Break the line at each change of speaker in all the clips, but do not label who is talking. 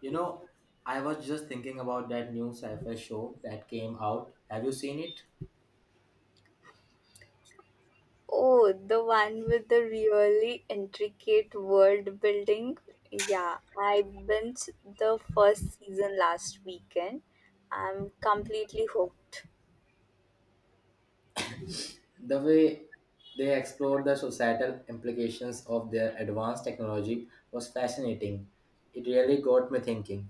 You know, I was just thinking about that new sci-fi show that came out. Have you seen it?
Oh, the one with the really intricate world building. Yeah, I binged the first season last weekend. I'm completely hooked.
The way they explored the societal implications of their advanced technology was fascinating. It really got me thinking.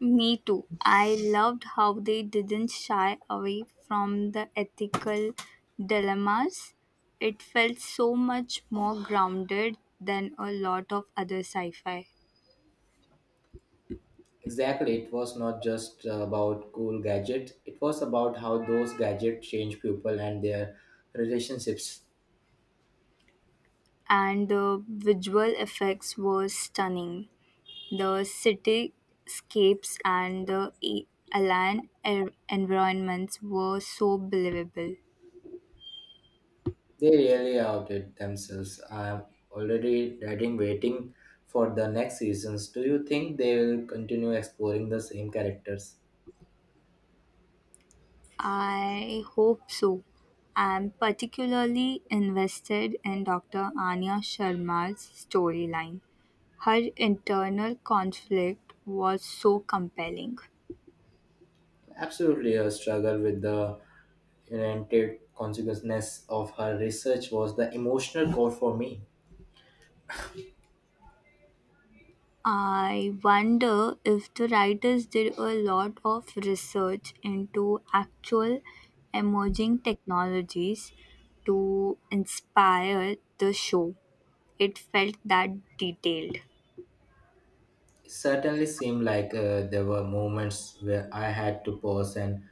Me too. I loved how they didn't shy away from the ethical dilemmas. It felt so much more grounded than a lot of other sci fi.
Exactly, it was not just about cool gadgets, it was about how those gadgets change people and their relationships.
And the visual effects were stunning. The cityscapes and the alien environments were so believable.
They really outdid themselves. I am already dreading waiting for the next seasons. Do you think they will continue exploring the same characters?
I hope so. I'm particularly invested in Dr. Anya Sharma's storyline. Her internal conflict was so compelling.
Absolutely, a struggle with the inherent consequences of her research was the emotional core for me.
I wonder if the writers did a lot of research into actual emerging technologies to inspire the show. It felt that detailed.
It certainly seemed like there were moments where I had to pause and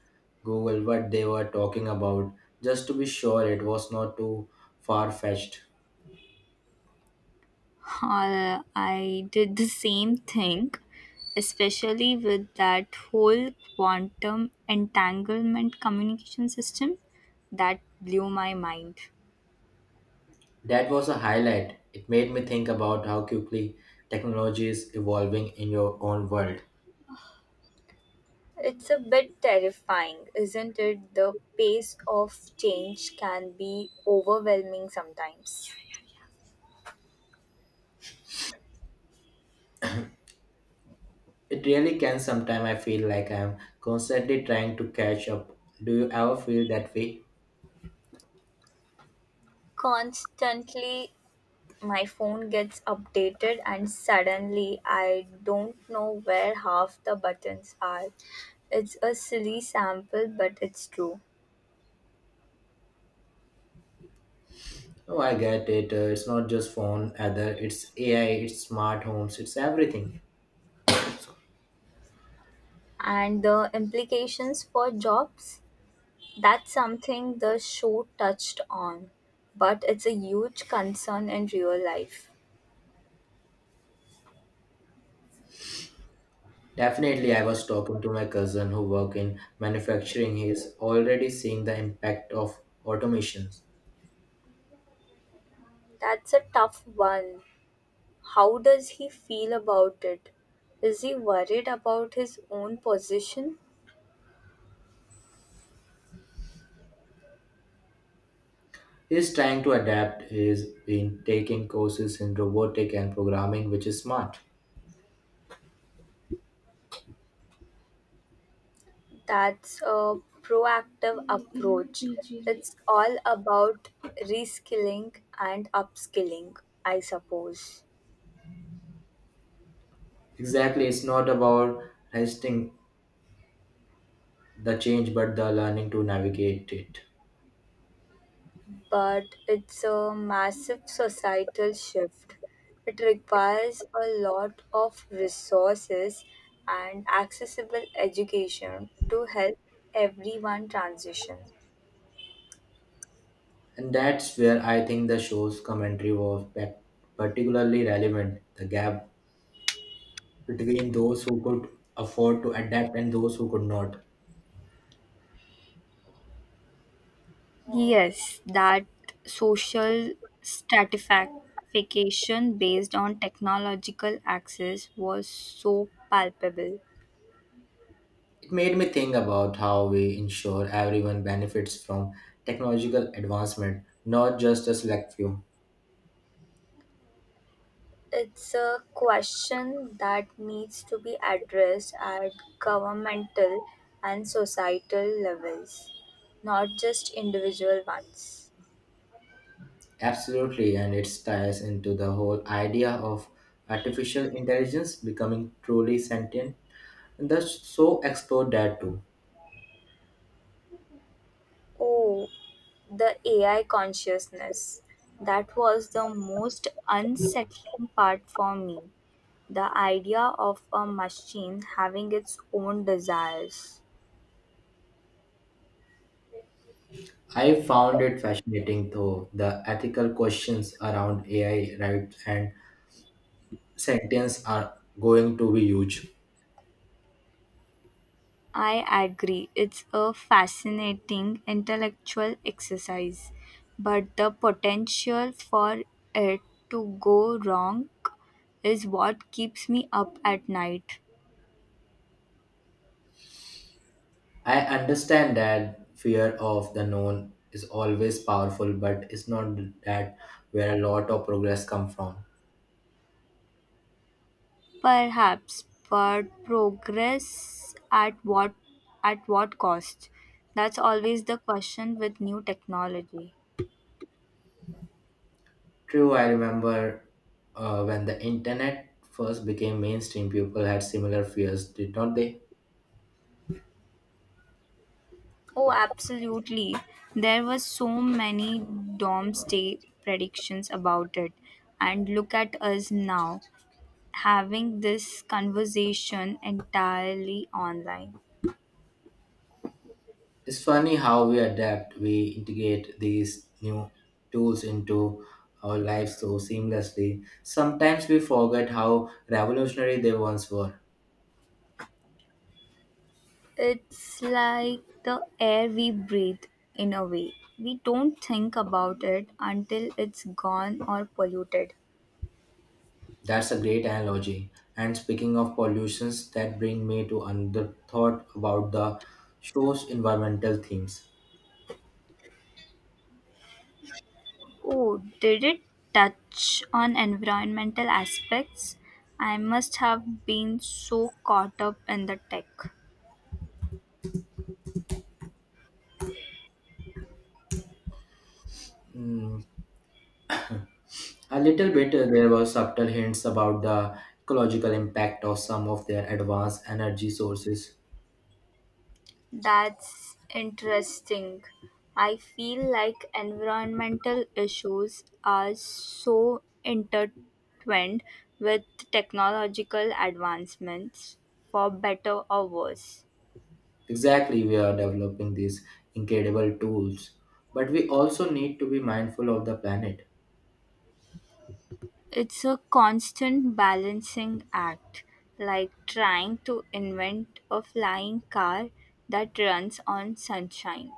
Google what they were talking about just to be sure it was not too far fetched.
I did the same thing, especially with that whole quantum entanglement communication system that blew my mind.
That was a highlight. It made me think about how quickly technology is evolving in your own world.
It's a bit terrifying, isn't it? The pace of change can be overwhelming sometimes.
It really can sometimes I feel like I'm constantly trying to catch up. Do you ever feel that way?
Constantly, my phone gets updated, and suddenly, I don't know where half the buttons are. It's a silly sample, but it's true.
Oh, I get it. It's not just phone either. It's AI, it's smart homes, it's everything.
And the implications for jobs, that's something the show touched on, but it's a huge concern in real life.
Definitely, I was talking to my cousin who work in manufacturing. He's already seeing the impact of automation.
That's a tough one. How does he feel about it? Is he worried about his own position?
He's trying to adapt. He's been taking courses in robotic and programming, which is smart.
That's a proactive approach. It's all about reskilling and upskilling, I suppose.
Exactly, it's not about resisting the change, but the learning to navigate it.
But it's a massive societal shift. It requires a lot of resources and accessible education to help everyone transition.
And that's where I think the show's commentary was particularly relevant. The gap between those who could afford to adapt and those who could not.
Yes, that social stratification based on technological access was so palpable.
It made me think about how we ensure everyone benefits from technological advancement, not just a select few.
It's a question that needs to be addressed at governmental and societal levels, not just individual ones.
Absolutely, and it ties into the whole idea of artificial intelligence becoming truly sentient. And the so explored that too.
Oh, the AI consciousness. That was the most unsettling part for me. The idea of a machine having its own desires.
I found it fascinating though the ethical questions around AI rights and sentience are going to be huge.
I agree, it's a fascinating intellectual exercise, but the potential for it to go wrong is what keeps me up at night.
I understand that fear of the known is always powerful, but it's not that where a lot of progress come from.
Perhaps, but progress at what cost? That's always the question with new technology.
True, I remember when the internet first became mainstream, people had similar fears, did not they?
Oh, absolutely. There were so many doomsday predictions about it. And look at us now, having this conversation entirely online.
It's funny how we adapt, we integrate these new tools into our lives so seamlessly. Sometimes we forget how revolutionary they once were.
It's like the air we breathe in a way. We don't think about it until it's gone or polluted.
That's a great analogy. And speaking of pollutions, that brings me to another thought about the show's environmental themes.
Oh, did it touch on environmental aspects? I must have been so caught up in the tech.
Hmm, a little bit, there were subtle hints about the ecological impact of some of their advanced energy sources.
That's interesting. I feel like environmental issues are so intertwined with technological advancements, for better or worse.
Exactly, we are developing these incredible tools, but we also need to be mindful of the planet.
It's a constant balancing act, like trying to invent a flying car that runs on sunshine.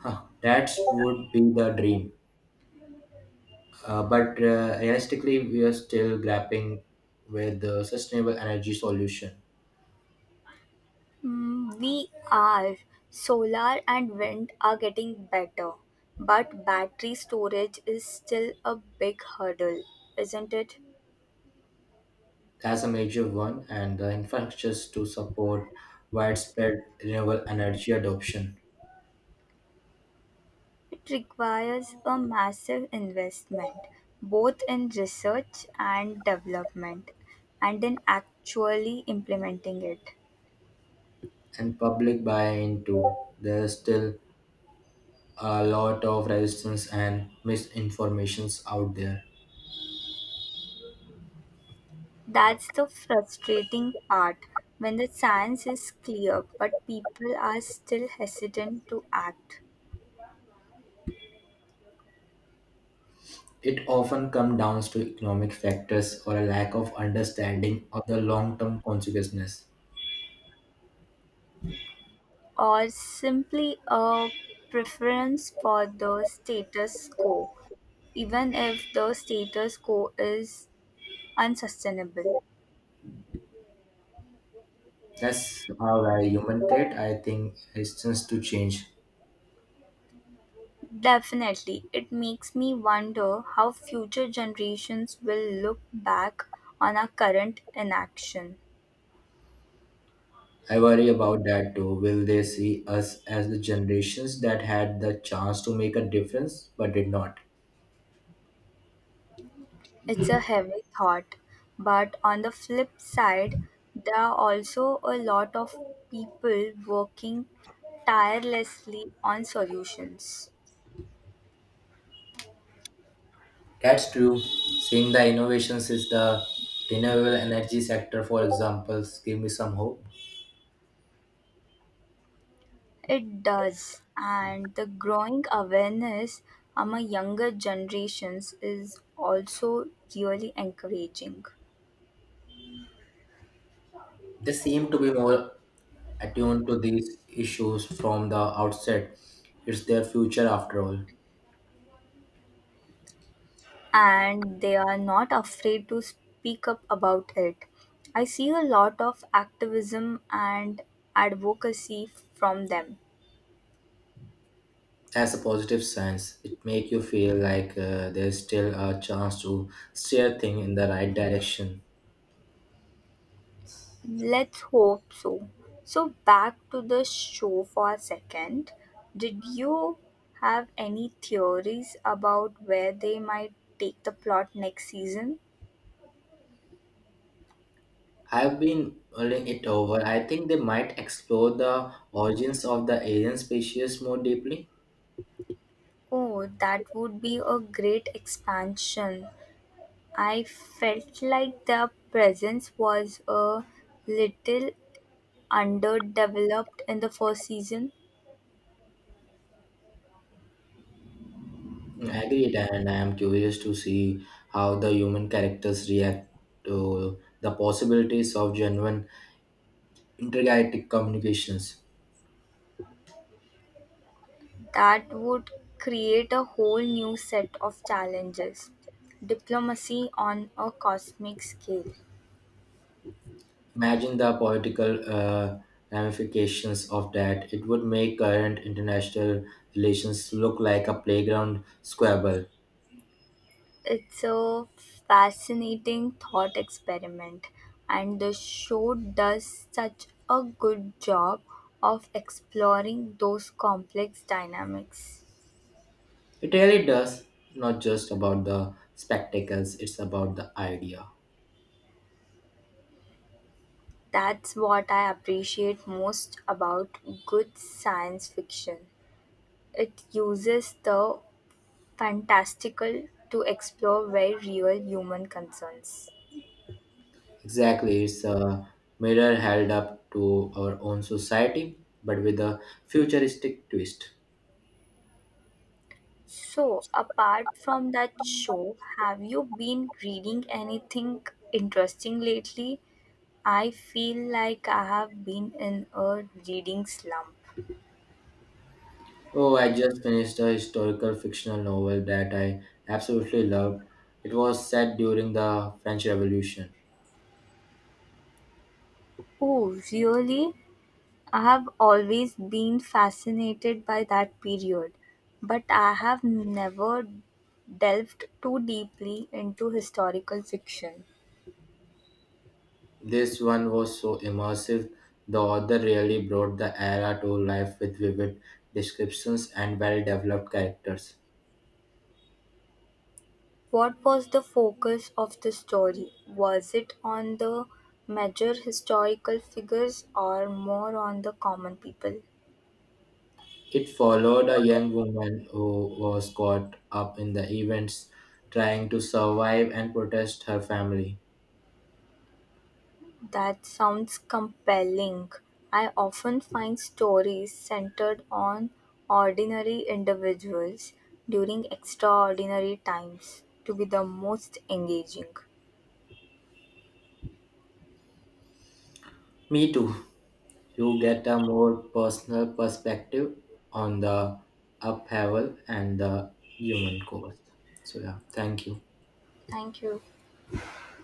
Huh, that would be the dream. But Realistically, we are still grappling with the sustainable energy solution.
Mm, we are. Solar and wind are getting better, but battery storage is still a big hurdle, isn't it?
That's a major one, and the infrastructures to support widespread renewable energy adoption.
It requires a massive investment, both in research and development, and in actually implementing it.
And public buy-in too. There's still a lot of resistance and misinformations out there.
That's the frustrating part when the science is clear, but people are still hesitant to act.
It often comes down to economic factors or a lack of understanding of the long-term consequences.
Or simply a preference for the status quo, even if the status quo is unsustainable.
That's our human trait. I think resistance to change.
Definitely, it makes me wonder how future generations will look back on our current inaction.
I worry about that too. Will they see us as the generations that had the chance to make a difference but did not?
It's a heavy thought, but on the flip side, there are also a lot of people working tirelessly on solutions.
That's true. Seeing the innovations is the renewable energy sector, for examples, give me some hope.
It does, and the growing awareness among younger generations is also really encouraging.
They seem to be more attuned to these issues from the outset. It's their future after all.
And they are not afraid to speak up about it. I see a lot of activism and advocacy from them.
As a positive sense, it makes you feel like there's still a chance to steer things in the right direction.
Let's hope so. So, back to the show for a second. Did you have any theories about where they might take the plot next season?
I've been mulling it over. I think they might explore the origins of the alien species more deeply.
Oh, that would be a great expansion. I felt like their presence was a little underdeveloped in the first season.
Agreed, and I am curious to see how the human characters react to the possibilities of genuine intergalactic communications.
That would create a whole new set of challenges. Diplomacy on a cosmic scale.
Imagine the political ramifications of that. It would make current international relations look like a playground squabble.
It's a fascinating thought experiment, and the show does such a good job of exploring those complex dynamics.
It really does. Not just about the spectacles, it's about the idea.
That's what I appreciate most about good science fiction. It uses the fantastical to explore very real human concerns.
Exactly, it's a mirror held up to our own society, but with a futuristic twist.
So, apart from that show, have you been reading anything interesting lately? I feel like I have been in a reading slump.
Oh, I just finished a historical fictional novel that I absolutely loved. It was set during the French Revolution.
Oh, really? I have always been fascinated by that period, but I have never delved too deeply into historical fiction.
This one was so immersive, the author really brought the era to life with vivid descriptions and well developed characters.
What was the focus of the story? Was it on the major historical figures or more on the common people?
It followed a young woman who was caught up in the events, trying to survive and protect her family.
That sounds compelling. I often find stories centered on ordinary individuals during extraordinary times to be the most engaging.
Me too. You get a more personal perspective on the upheaval and the human course. So, yeah, thank you.
Thank you.